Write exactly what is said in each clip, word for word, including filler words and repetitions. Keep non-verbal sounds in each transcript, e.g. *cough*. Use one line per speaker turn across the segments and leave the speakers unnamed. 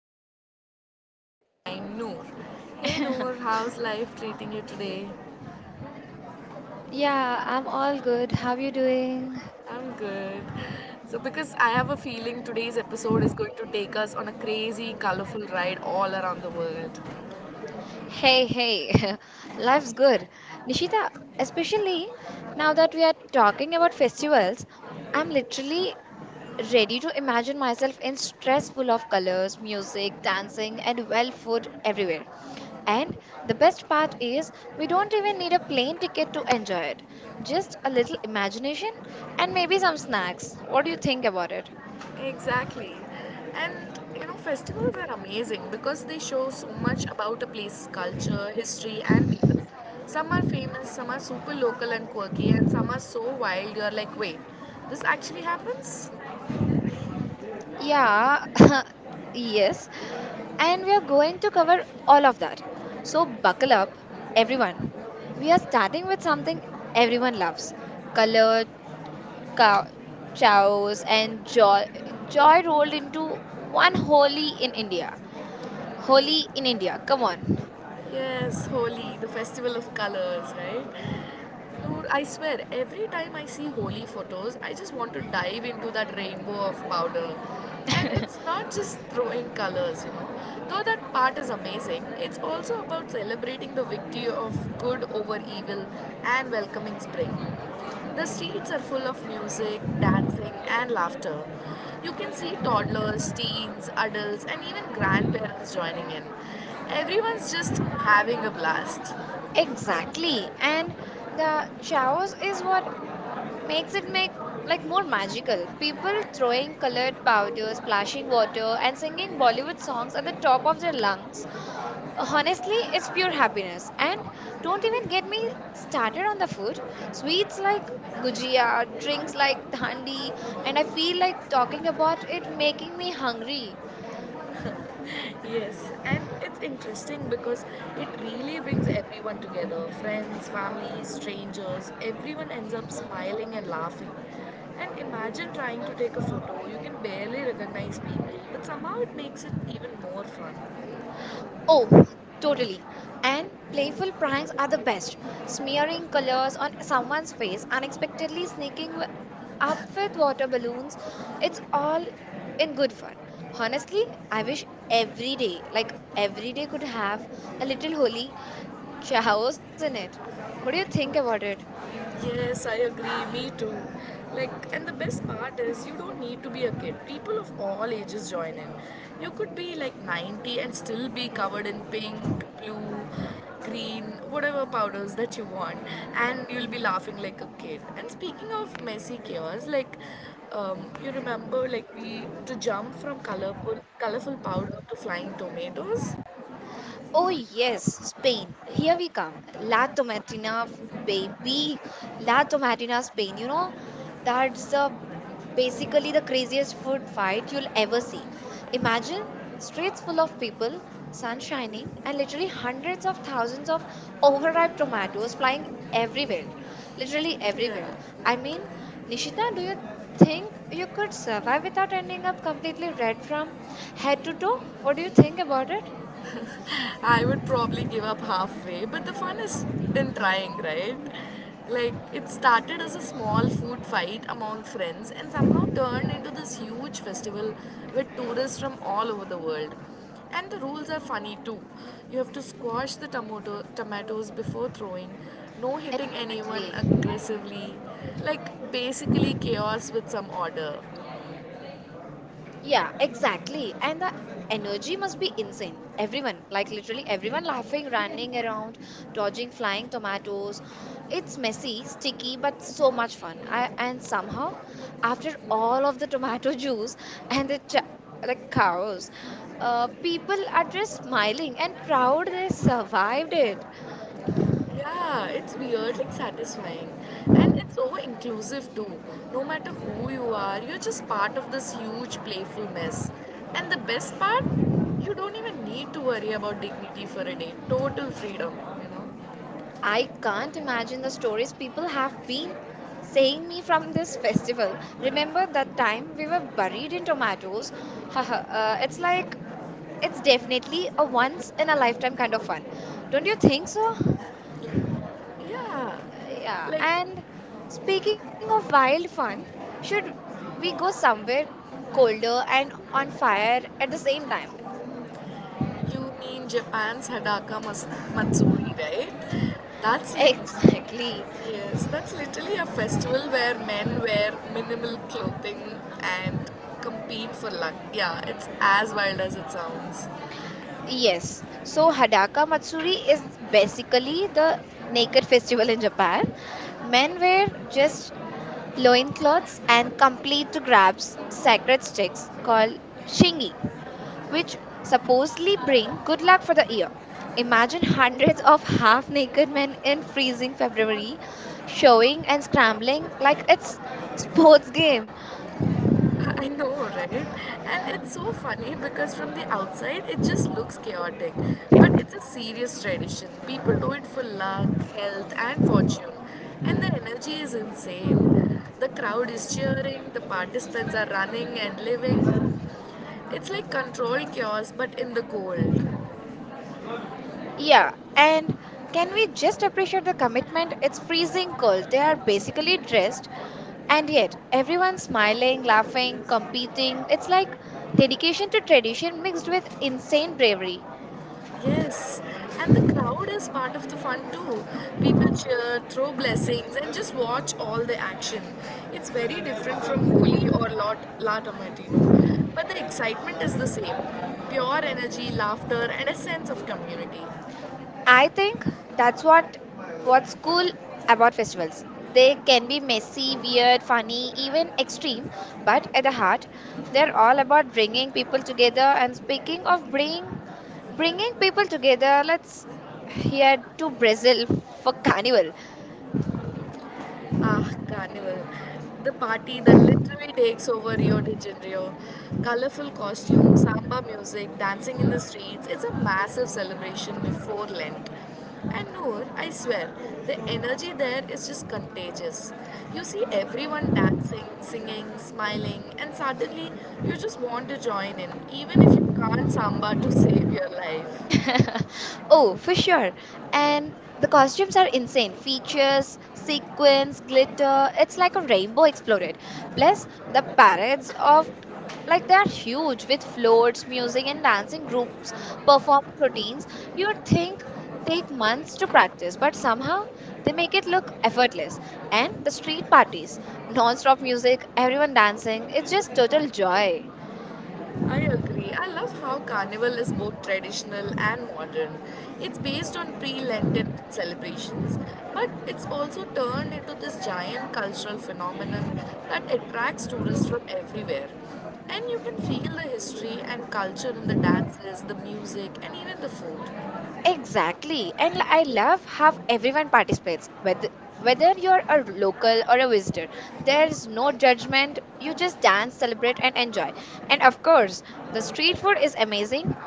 I am here with my partner in crime, Noor. Hey Noor, how's life treating you today?
Yeah, I'm all good. How you doing?
I'm good. So, because I have a feeling today's episode is going to take us on a crazy, colorful ride all around the world.
Hey, hey, *laughs* life's good. Nishita, especially now that we are talking about festivals, I'm literally ready to imagine myself in stress full of colors, music, dancing, and well food everywhere. And the best part is, we don't even need a plane ticket to enjoy it. Just a little imagination and maybe some snacks. What do you think about it?
Exactly. And you know, festivals are amazing because they show so much about a place's culture, history, and people. Some are famous, some are super local and quirky, and some are so wild you're like, wait, this actually happens?
Yeah, *laughs* yes. And we are going to cover all of that. So, buckle up, everyone. We are starting with something everyone loves colored cow- chows and joy, joy rolled into one holy in India. Holy in India, come on.
Yes, Holi, the festival of colors, right? Dude, I swear, every time I see holy photos, I just want to dive into that rainbow of powder. And it's not just throwing colors, you know. Though that part is amazing, it's also about celebrating the victory of good over evil and welcoming spring. The streets are full of music, dancing, and laughter. You can see toddlers, teens, adults, and even grandparents joining in. Everyone's just having a blast.
Exactly. And the chows is what makes it make like more magical. People throwing colored powder, splashing water, and singing Bollywood songs at the top of their lungs. Honestly, it's pure happiness. And don't even get me started on the food. Sweets like gujia, drinks like thandi, and I feel like talking about it making me hungry.
Yes, and it's interesting because it really brings everyone together friends, family, strangers, everyone ends up smiling and laughing. And imagine trying to take a photo, you can barely recognize people, but somehow it makes it even more fun.
Oh, totally. And playful pranks are the best. Smearing colors on someone's face, unexpectedly sneaking w- up with water balloons, it's all in good fun. Honestly, I wish every day, like every day, could have a little holy *laughs* chaos in it. What do you think about it?
Yes, I agree. Me too. Like, and the best part is you don't need to be a kid. People of all ages join in. You could be like ninety and still be covered in pink, blue, green, whatever powders that you want, and you'll be laughing like a kid. And speaking of messy chaos, like, um, you remember like we to jump from colorful colorful powder to flying tomatoes.
Oh, yes, Spain. Here we come. La Tomatina, f- baby. La Tomatina, Spain. You know, that's the basically the craziest food fight you'll ever see. Imagine streets full of people, sun shining, and literally hundreds of thousands of overripe tomatoes flying everywhere. Literally everywhere. I mean, Nishita, do you think you could survive without ending up completely red from head to toe? What do you think about it?
I would probably give up halfway, but the fun is in trying, right? Like, it started as a small food fight among friends and somehow turned into this huge festival with tourists from all over the world. And the rules are funny too. You have to squash the tomato- tomatoes before throwing, no hitting anyone
Exactly.
aggressively, like basically chaos with some order.
Yeah, exactly. And the energy must be insane. Everyone, like literally everyone laughing, running around, dodging flying tomatoes. It's messy, sticky, but so much fun. I, and somehow, after all of the tomato *laughs* juice and the ch- like cows, uh, people are just smiling and proud they survived it.
Yeah, it's weird, like satisfying. And it's over inclusive too. No matter who you are, you're just part of this huge playful mess. And the best part, you don't even need to worry about dignity for a day. Total freedom, you know?
I can't imagine the stories people have been saying me from this festival. Remember that time we were buried in tomatoes? *laughs* Haha, uh, it's like, it's definitely a once in a lifetime kind of fun. Don't you think so? Uh,
Yeah.
yeah.
Like,
And speaking of wild fun, should we go somewhere colder and on fire at the same time?
you mean Japan's Hadaka mas- Matsuri, right? That's
*laughs*
lit.
Exactly.
Yes, that's literally a festival where men wear minimal clothing and compete for luck. Yeah, it's as wild as it sounds.
Yes. So Hadaka Matsuri is basically the naked festival in Japan. Men wear just loincloths and complete to grabs sacred sticks called shingi, which supposedly bring good luck for the year. Imagine hundreds of half naked men in freezing February, showing and scrambling like it's *laughs* sports game.
*laughs* I know, right? And it's so funny because from the outside it just looks chaotic, but it's a serious tradition. People do it for luck, health, and fortune, and the energy is insane. The crowd is cheering, the participants are running and living. It's like controlled chaos, but in the cold.
Yeah, and can we just appreciate the commitment? It's freezing cold. They are basically dressed, and yet everyone's smiling, laughing, competing. It's like dedication to tradition mixed with insane bravery.
Yes, and the crowd is part of the fun too. People cheer, throw blessings, and just watch all the action. It's very different from Holi or Lot La Tomatino, but the excitement is the same pure energy, laughter, and a sense of community.
I think that's what what's cool about festivals. They can be messy, weird, funny, even extreme, but at the heart, they're all about bringing people together. And speaking of bring bringing people together, let's head to Brazil for *laughs* Carnival.
Ah, Carnival. The party that literally takes over Rio de Janeiro. Colorful costumes, samba music, dancing in the streets. It's a massive celebration before Lent. And Noor, I swear, the energy there is just contagious. You see everyone dancing, singing, smiling, and suddenly you just want to join in, even if you can't samba to save your life.
*laughs* oh, for sure. And the costumes are insane. Features, sequins, glitter. It's like a rainbow exploded. Plus, the parades of like they are huge with floats, music, and dancing groups performing routines. You would think take months to practice, but somehow they make it look effortless. And the street parties, non-stop music, everyone dancing. It's just total joy.
I agree. I love how Carnival is both traditional and modern. It's based on pre Lenten celebrations, but it's also turned into this giant cultural phenomenon that attracts tourists from everywhere. And you can feel the history and culture in the dances, the music, and even the food.
Exactly. And I love how everyone participates, whether whether you're a local or a visitor. There's no judgment. You just dance, celebrate, and enjoy. And of course, the street food is amazing.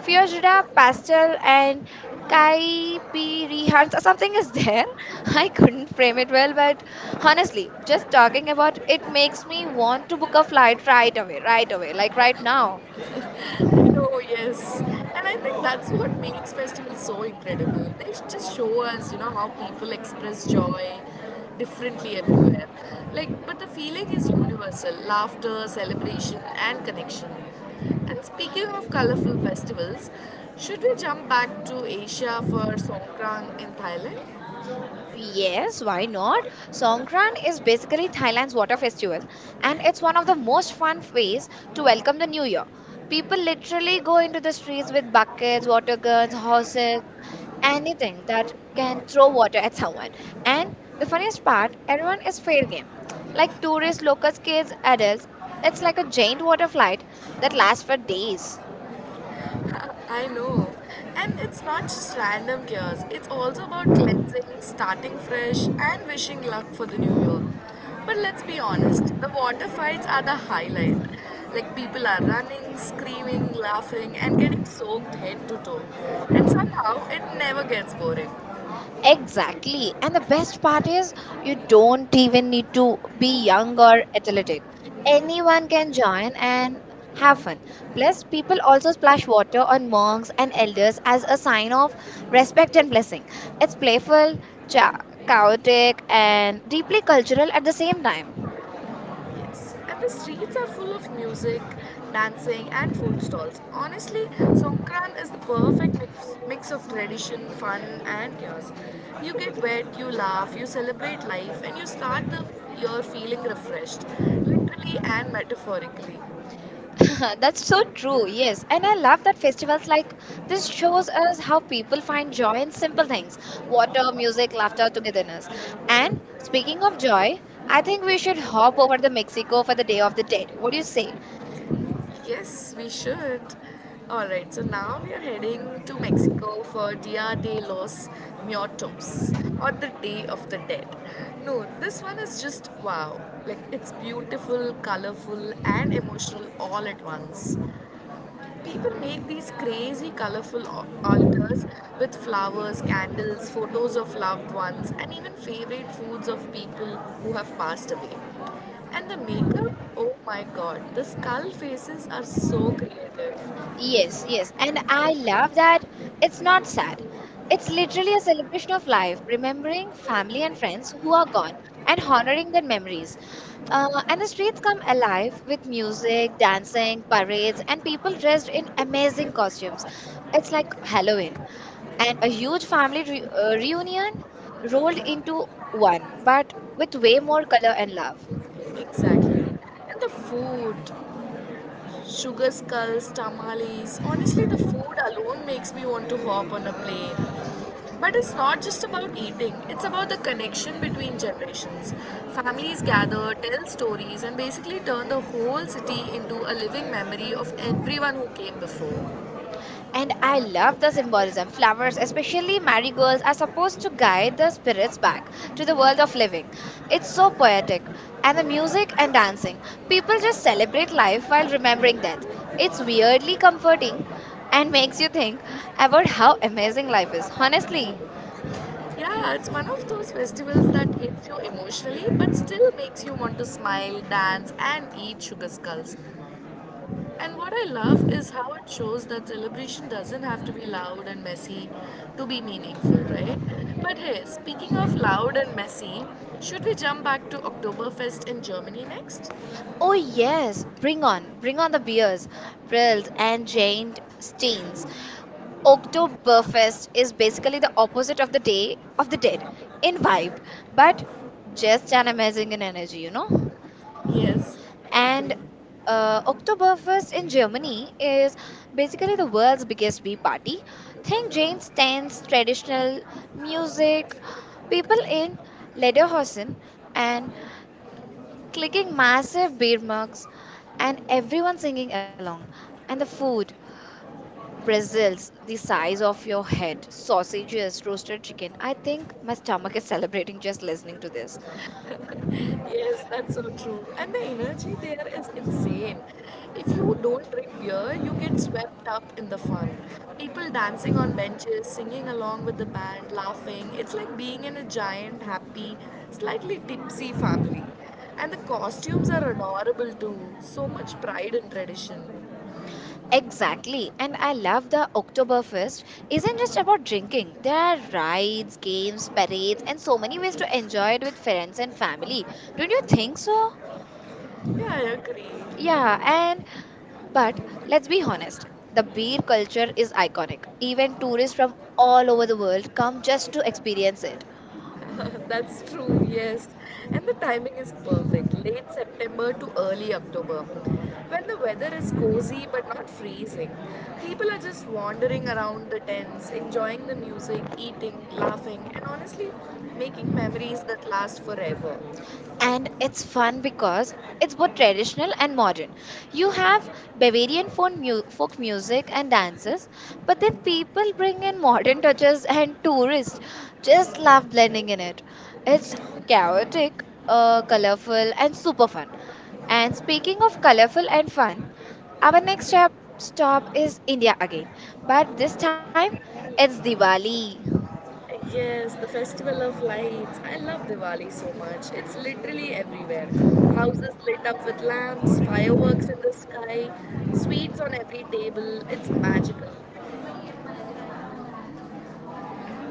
Fiojada, pastel, and caipirihans or something is there. *laughs* I couldn't frame it well, but honestly, just talking about it makes me want to book a flight right away, right away, like right now.
Oh, yes. And I think that's what makes festivals so incredible. They sh- just show us, you know, how people express joy differently everywhere. Like, but the feeling is universal laughter, celebration, and connection. And speaking of colorful festivals, should we jump back to Asia for Songkran in Thailand?
Yes, why not? Songkran is basically Thailand's water festival, and it's one of the most fun ways to welcome the new year. People literally go into the streets with buckets, water guns, horses, anything that can throw water at someone. And the funniest part, everyone is fair game. Like tourists, locals, kids, adults, it's like a giant water flight that lasts for days.
I know. And it's not just random cures, it's also about cleansing, starting fresh, and wishing luck for the new year. But let's be honest, the water fights are the highlight. Like people are running, screaming, laughing, and getting soaked head to toe. And somehow it never gets boring.
Exactly. And the best part is you don't even need to be young or athletic. Anyone can join and have fun. Plus, people also splash water on monks and elders as a sign of respect and blessing. It's playful, cha- chaotic, and deeply cultural at the same time.
Yes, and the streets are full of music, dancing, and food stalls. Honestly, Songkran is the perfect mix, mix of tradition, fun, and chaos. You get wet, you laugh, you celebrate life, and you start the year feeling refreshed, literally and metaphorically.
*laughs* That's so true, yes. And I love that festivals like this shows us how people find joy in simple things water, music, laughter, togetherness. And speaking of joy, I think we should hop over to Mexico for the Day of the Dead. What do you say?
Yes, we should. Alright, so now we are heading to Mexico for Dia de los Muertos or the Day of the Dead. No, this one is just wow. Like it's beautiful, colorful, and emotional all at once. People make these crazy colorful altars with flowers, candles, photos of loved ones, and even favorite foods of people who have passed away. And the makeup, oh my god, the skull faces are so creative.
Yes, yes. And I love that it's not sad. It's literally a celebration of life, remembering family and friends who are gone and honoring their memories. Uh, and the streets come alive with music, dancing, parades, and people dressed in amazing costumes. It's like Halloween. And a huge family re- uh, reunion rolled into one, but with way more color and love.
Exactly. And the food, Sugar skulls, tamales. Honestly, the food alone makes me want to hop on a plane. But it's not just about eating, it's about the connection between generations. Families gather, tell stories, and basically turn the whole city into a living memory of everyone who came before.
And I love the symbolism. Flowers, especially marigolds, are supposed to guide the spirits back to the world of living. It's so poetic. And the music and dancing. People just celebrate life while remembering death. It's weirdly comforting and makes you think about how amazing life is, honestly.
Yeah, it's one of those festivals that hits you emotionally but still makes you want to smile, dance, and eat sugar skulls. And what I love is how it shows that celebration doesn't have to be loud and messy to be meaningful, right? But hey, speaking of loud and messy, should we jump back to Oktoberfest in Germany next?
Oh, yes, bring on, bring on the beers, Prills and Jane Steens. Oktoberfest is basically the opposite of the Day of the Dead in vibe, but just an amazing in energy, you know.
Yes, I agree.
And uh, Oktoberfest in Germany is basically the world's biggest bee party. Think Jane stands, traditional music, people in lederhosen and clicking massive beer mugs, and everyone singing along, and the food. Pretzels the size of your head, sausages, roasted chicken. I think my stomach is celebrating just listening to this.
Yes, that's so true. And the energy there is insane. If you don't drink beer, you get swept up in the fun. People dancing on benches, singing along with the band, laughing. It's like being in a giant, happy, slightly tipsy family. And the costumes are adorable too. So much pride and tradition.
Exactly. And I love the Oktoberfest isn't just about drinking. There are rides, games, parades, and so many ways to enjoy it with friends and family. Don't you think so?
Yeah, I agree.
Yeah, and but let's be honest, the beer culture is iconic. Even tourists from all over the world come just to experience it.
*laughs* That's true, yes. And the timing is perfect late September to early October, when the weather is cozy but not freezing. People are just wandering around the tents, enjoying the music, eating, laughing, and honestly, making memories that last forever.
And it's fun because it's both traditional and modern. You have Bavarian folk, mu- folk music and dances, but then people bring in modern touches and tourists just love blending in it. It's chaotic, uh, colorful, and super fun. And speaking of colorful and fun, our next stop stop is India again, but this time it's Diwali.
Yes, the Festival of Lights. I love Diwali so much. It's literally everywhere. Houses lit up with lamps, fireworks in the sky, sweets on every table. It's magical.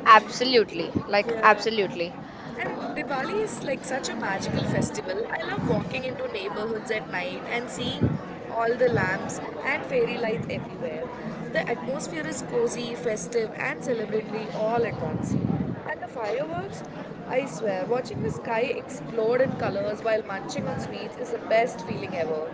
Absolutely, like
Yeah.
absolutely.
And Diwali is like such a magical festival. I love walking into neighborhoods at night and seeing all the lamps and fairy lights everywhere. The atmosphere is cozy, festive, and celebratory all at once. And the fireworks, I swear, watching the sky explode in colors while munching on sweets is the best feeling ever.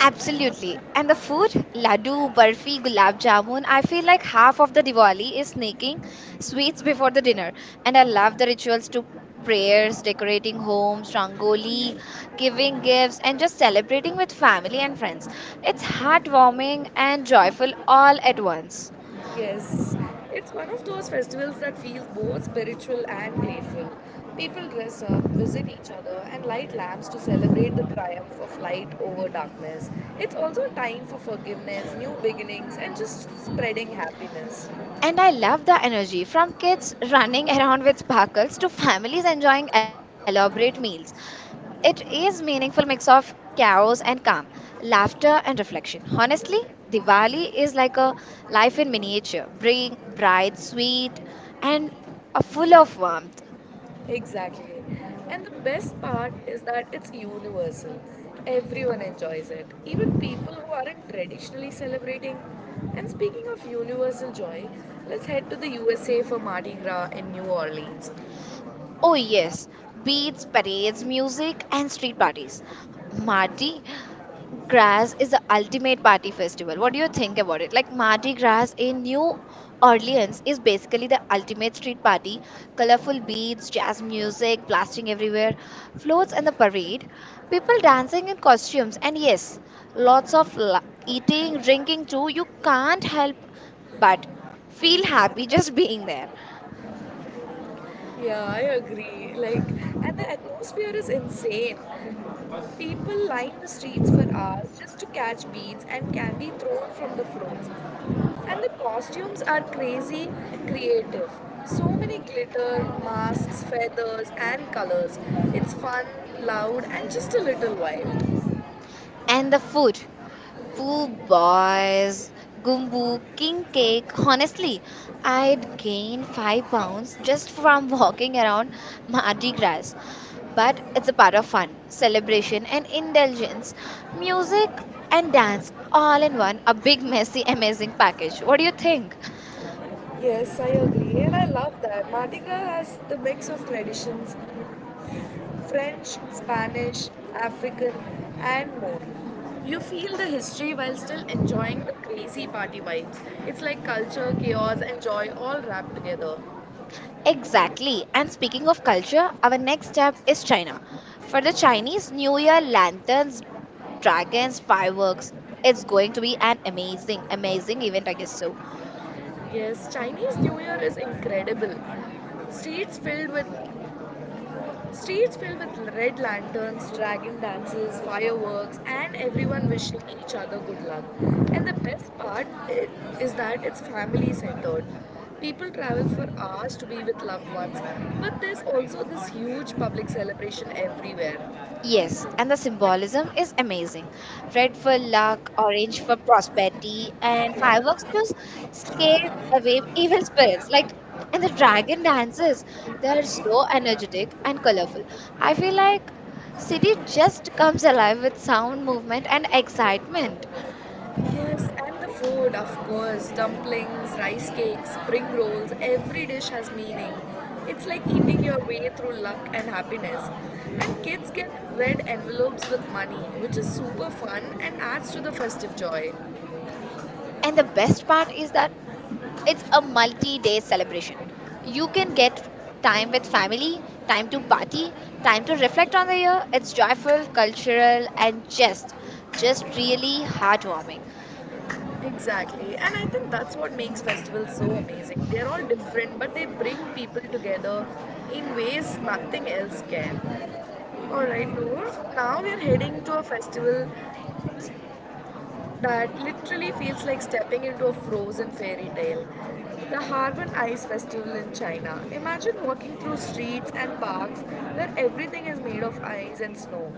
Absolutely. And the food, laddu, barfi, gulab jamun, I feel like half of the Diwali is sneaking sweets before the dinner. And I love the rituals to prayers, decorating homes, rangoli, giving gifts, and just celebrating with family and friends. It's heartwarming and joyful all at once.
Yes, it's one of those festivals that feels both spiritual and playful. People dress up, visit each other, and light lamps to celebrate the triumph of light over darkness. It's also a time for forgiveness, new beginnings, and just spreading happiness.
And I love the energy from kids running *laughs* around with sparkles to families enjoying elaborate meals. It is meaningful mix of chaos and calm, laughter and reflection. Honestly, Diwali is like a life in miniature, bring bright, sweet, and uh, full of warmth.
Exactly. And the best part is that it's universal. Everyone enjoys it, even people who aren't traditionally celebrating. And speaking of universal joy, let's head to the U S A for Mardi Gras in New Orleans.
Oh yes, beats, parades, music, and street parties. Marty, Gras is the ultimate party festival. What do you think about it? Like Mardi Gras in New Orleans is basically the ultimate street party. Colorful beads, jazz music blasting everywhere, floats and the parade, people dancing in costumes, and yes, lots of la- eating, drinking too. You can't help but feel happy *laughs* just being there.
Yeah, I agree. Like, and the atmosphere is insane. People line the streets for hours just to catch beads and candy thrown from the floors. And the costumes are crazy creative. So many glitter, masks, feathers, and colors. It's fun, loud, and just a little wild.
And the food. Poo boys, gumbo, king cake. Honestly, I'd gain five pounds just from walking around Mardi Gras. But it's a part of fun, celebration, and indulgence. Music and dance all in one, a big, messy, amazing package. What do you think?
Yes, I agree, and I love that. Mardi Gras has the mix of traditions, French, Spanish, African, and more. You feel the history while still enjoying the crazy party vibes. It's like culture, chaos, and joy all wrapped together.
Exactly. And speaking of culture, our next step is China. For the Chinese New Year, lanterns, dragons, fireworks. It's going to be an amazing, amazing event, I guess so.
Yes, Chinese New Year is incredible. Streets filled with Streets filled with red lanterns, dragon dances, fireworks, and everyone wishing each other good luck. And the best part i- is that it's family centered. People travel for hours to be with loved ones, but there's also this huge public celebration everywhere.
Yes, and the symbolism is amazing. Red for luck, orange for prosperity, and fireworks just scare away evil spirits. Like, and the dragon dances, they are so energetic and colorful. I feel like city just comes alive with sound, movement, and excitement.
Yes, and the food, of course. Dumplings, rice cakes, spring rolls, every dish has meaning. It's like eating your way through luck and happiness. And kids get red envelopes with money, which is super fun and adds to the festive joy.
And the best part is that it's a multi-day celebration. You can get time with family, time to party, time to reflect on the year. It's joyful, cultural, and just, just really heartwarming.
Exactly. And I think that's what makes festivals so amazing. They're all different, but they bring people together in ways nothing else can. All right, Noor. Now we are heading to a festival that literally feels like stepping into a frozen fairy tale. The Harbin Ice Festival in China. Imagine walking through streets and parks where everything is made of ice and snow.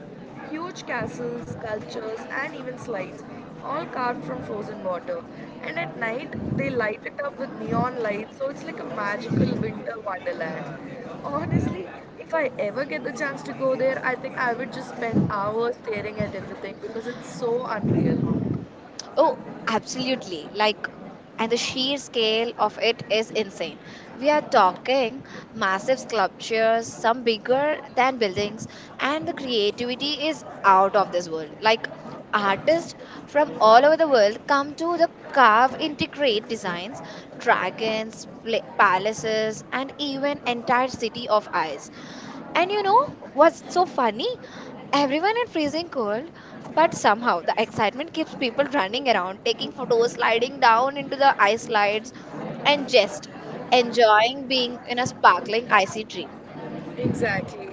Huge castles, sculptures, and even slides, all carved from frozen water. And at night, they light it up with neon lights, so it's like a magical winter wonderland. Honestly, if I ever get the chance to go there, I think I would just spend hours staring at everything because it's so unreal.
Oh, absolutely. Like, and the sheer scale of it is insane. We are talking massive sculptures, some bigger than buildings, and the creativity is out of this world. Like, artists from all over the world come to the carve integrate designs, dragons, pla- palaces, and even entire city of ice. And you know what's so funny? Everyone in freezing cold, but somehow the excitement keeps people running around, taking photos, sliding down into the ice slides, and just enjoying being in a sparkling icy dream.
Exactly.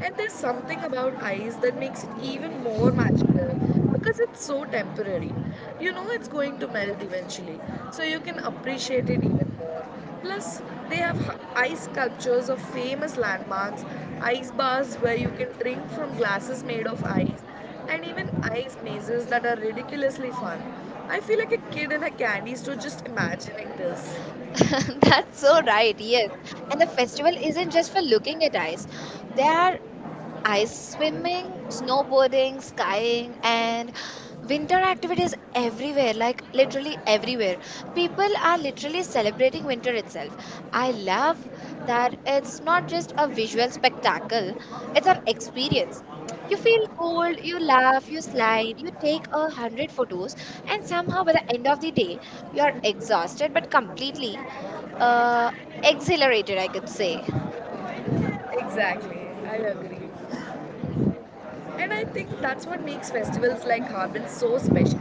And there's something about ice that makes it even more magical because it's so temporary. You know it's going to melt eventually, so you can appreciate it even more. Plus, they have h- ice sculptures of famous landmarks, ice bars where you can drink from glasses made of ice, and even ice mazes that are ridiculously fun. I feel like a kid in a candy store just imagining this.
*laughs* That's so right, yes. And the festival isn't just for looking at ice. They are ice swimming, snowboarding, skiing, and winter activities everywhere, like literally everywhere. People are literally celebrating winter itself. I love that it's not just a visual spectacle, it's an experience. You feel cold, you laugh, you slide, you take a hundred photos, and somehow by the end of the day, you are exhausted but completely uh, exhilarated, I could say.
Exactly, I agree. And I think that's what makes festivals like Harbin so special.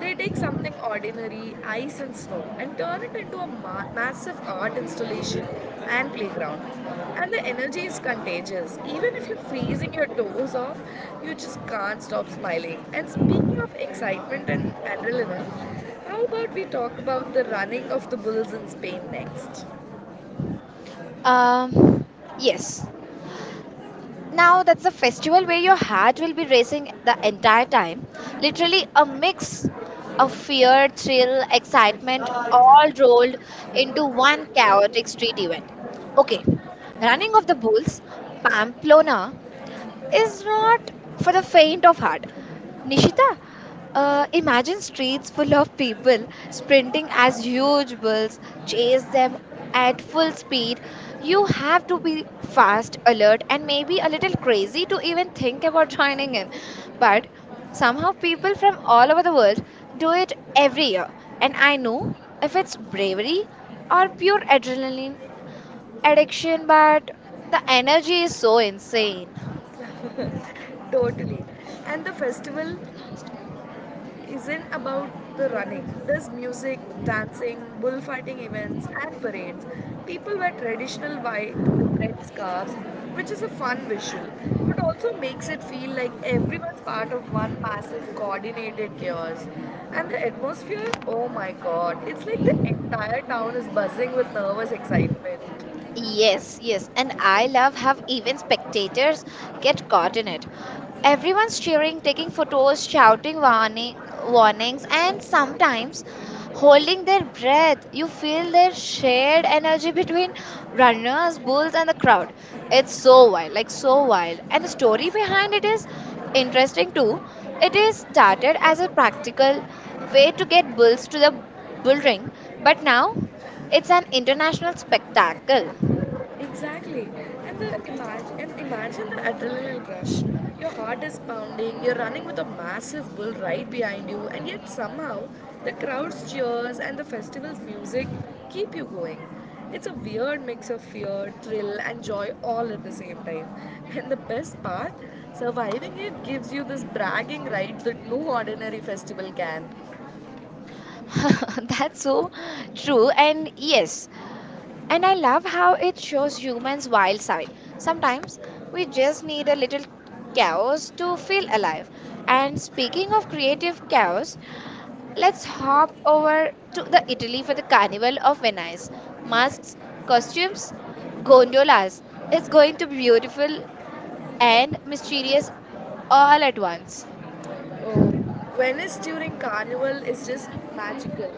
They take something ordinary, ice and snow, and turn it into a ma- massive art installation and playground. And the energy is contagious. Even if you're freezing your toes off, you just can't stop smiling. And speaking of excitement and adrenaline, how about we talk about the running of the bulls in Spain next?
Um, yes. Now that's a festival where your heart will be racing the entire time. Literally a mix of fear, thrill, excitement, all rolled into one chaotic street event. Okay, running of the bulls, Pamplona is not for the faint of heart. Nishita, uh, imagine streets full of people sprinting as huge bulls chase them at full speed. You have to be fast, alert, and maybe a little crazy to even think about joining in. But somehow, people from all over the world do it every year. And I know if it's bravery or pure adrenaline addiction, but the energy is so insane.
Totally. And the festival isn't about the running. There's music, dancing, bullfighting events, and parades. People wear traditional white with red scarves, which is a fun visual, but also makes it feel like everyone's part of one massive coordinated chaos. And the atmosphere, oh my god, it's like the entire town is buzzing with nervous excitement.
Yes, yes, and I love how even spectators get caught in it. Everyone's cheering, taking photos, shouting warning, warnings, and sometimes holding their breath. You feel their shared energy between runners, bulls, and the crowd. It's so wild, like so wild. And the story behind it is interesting too. It is started as a practical way to get bulls to the bull ring, but now it's an international spectacle.
Exactly. And the imagine and imagine the adrenaline rush. Your heart is pounding, you're running with a massive bull right behind you, and yet somehow the crowd's cheers and the festival's music keep you going. It's a weird mix of fear, thrill, and joy all at the same time. And the best part, surviving it gives you this bragging right that no ordinary festival can.
*laughs* That's so true. And yes, and I love how it shows humans' wild side. Sometimes we just need a little chaos to feel alive. And speaking of creative chaos, let's hop over to the Italy for the Carnival of Venice. Masks, costumes, gondolas. It's going to be beautiful and mysterious all at once.
Oh, Venice during Carnival is just magical.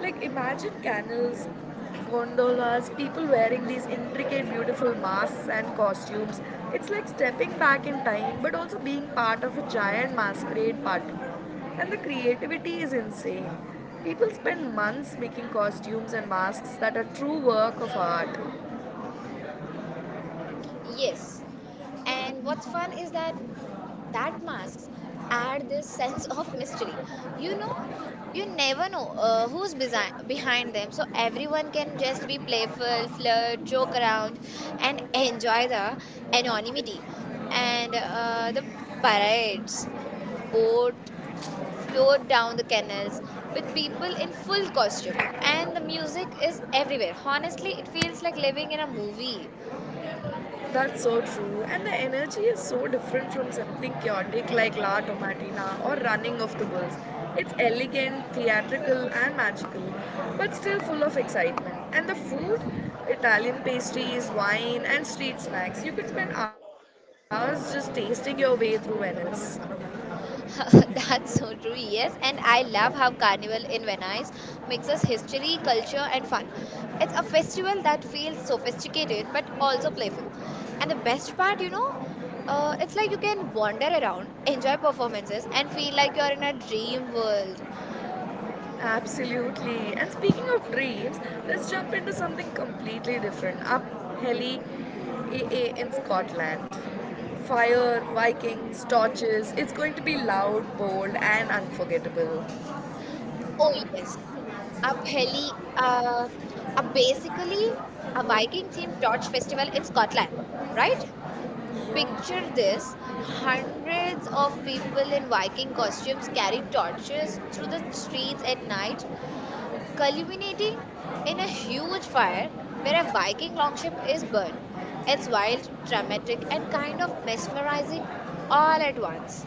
Like, imagine canals, gondolas, people wearing these intricate, beautiful masks and costumes. It's like stepping back in time, but also being part of a giant masquerade party. And the creativity is insane. People spend months making costumes and masks that are true work of art.
Yes. And what's fun is that that masks add this sense of mystery, you know, you never know, uh, who's besi- behind them, so everyone can just be playful, flirt, joke around and enjoy the anonymity. And uh, the parades, boat float down the canals with people in full costume, and the music is everywhere. Honestly, it feels like living in a movie.
That's so true. And the energy is so different from something chaotic like La Tomatina or Running of the Bulls. It's elegant, theatrical, and magical, but still full of excitement. And the food, Italian pastries, wine, and street snacks. You could spend hours just tasting your way through Venice.
*laughs* That's so true, yes. And I love how Carnival in Venice mixes history, culture, and fun. It's a festival that feels sophisticated but also playful. And the best part, you know, uh, it's like you can wander around, enjoy performances, and feel like you're in a dream world.
Absolutely. And speaking of dreams, let's jump into something completely different. Up Heli a a in Scotland. Fire, Vikings, torches. It's going to be loud, bold, and unforgettable.
Oh, yes. A heli, uh, a basically a Viking themed torch festival in Scotland, right? Picture this: hundreds of people in Viking costumes carry torches through the streets at night, culminating in a huge fire where a Viking longship is burned. It's wild, dramatic, and kind of mesmerizing all at once.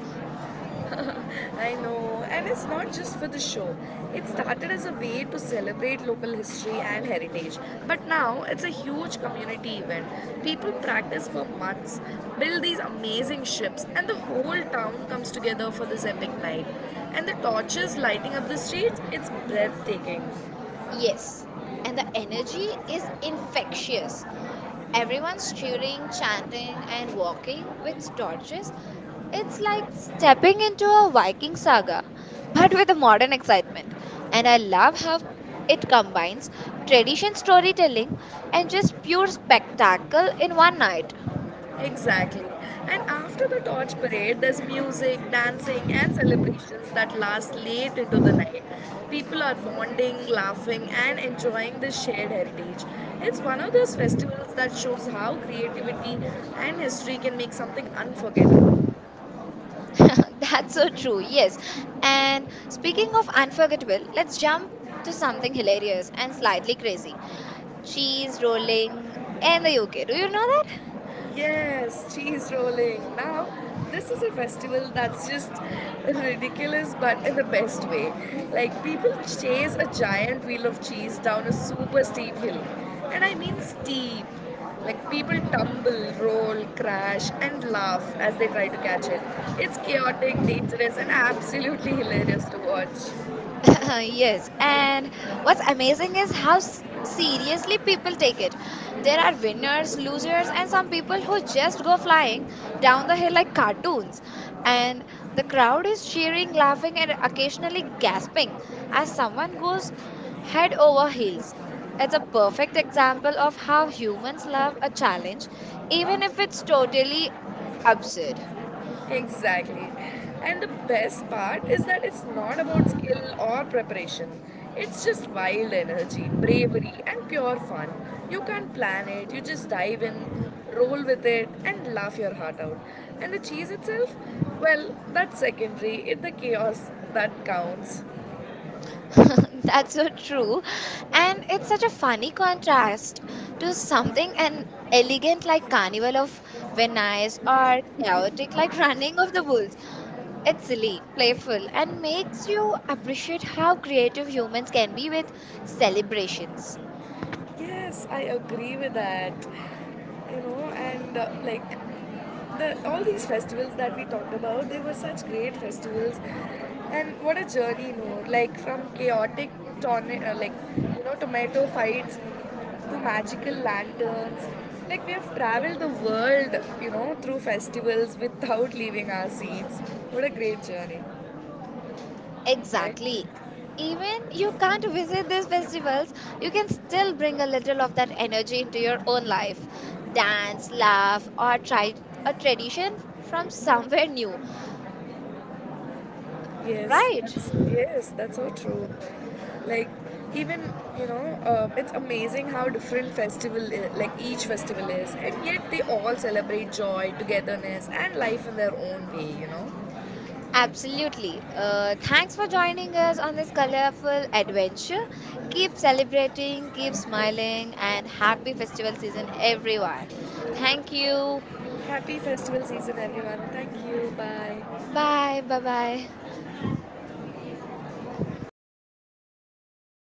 I know, and it's not just for the show. It started as a way to celebrate local history and heritage, but now it's a huge community event. People practice for months, build these amazing ships, and the whole town comes together for this epic night. And the torches lighting up the streets, it's breathtaking.
Yes, and the energy is infectious. Everyone's cheering, chanting, and walking with torches. It's like stepping into a Viking saga, but with a modern excitement. And I love how it combines tradition, storytelling, and just pure spectacle in one night.
Exactly. And after the torch parade, there's music, dancing, and celebrations that last late into the night. People are bonding, laughing, and enjoying this shared heritage. It's one of those festivals that shows how creativity and history can make something unforgettable.
*laughs* That's so true, yes. And speaking of unforgettable, let's jump to something hilarious and slightly crazy, cheese rolling in the U K. Do you know that?
Yes, cheese rolling. Now, this is a festival that's just ridiculous, but in the best way. Like, people chase a giant wheel of cheese down a super steep hill. And I mean steep. Like, people tumble, roll, crash, and laugh as they try to catch it. It's chaotic, dangerous, and absolutely hilarious to watch.
*laughs* Yes, and what's amazing is how s- seriously people take it. There are winners, losers, and some people who just go flying down the hill like cartoons. And the crowd is cheering, laughing, and occasionally gasping as someone goes head over heels. It's a perfect example of how humans love a challenge, even if it's totally absurd.
Exactly. And the best part is that it's not about skill or preparation. It's just wild energy, bravery, and pure fun. You can't plan it, you just dive in, roll with it, and laugh your heart out. And the cheese itself? Well, that's secondary. It's the chaos that counts.
*laughs* That's so true. And it's such a funny contrast to something an elegant like Carnival of Venice or chaotic like Running of the Bulls. It's silly, playful, and makes you appreciate how creative humans can be with celebrations.
Yes, I agree with that. You know, and uh, like the all these festivals that we talked about, they were such great festivals. And what a journey, you know, like from chaotic tornado, uh, like you know, tomato fights to magical lanterns. Like we have traveled the world, you know, through festivals without leaving our seats. What a great journey, right?
Exactly. Even you can't visit these festivals, you can still bring a little of that energy into your own life. Dance, laugh, or try a tradition from somewhere new.
Yes,
Right.
that's yes, that's so true. Like even you know, uh, it's amazing how different festival I like each festival is, and yet they all celebrate joy, togetherness, and life in their own way. You know,
Absolutely. Uh, thanks for joining us on this colorful adventure. Keep celebrating, keep smiling, and happy festival season, everyone. Thank you.
happy festival season, everyone. Thank you. Bye.
Bye. Bye bye.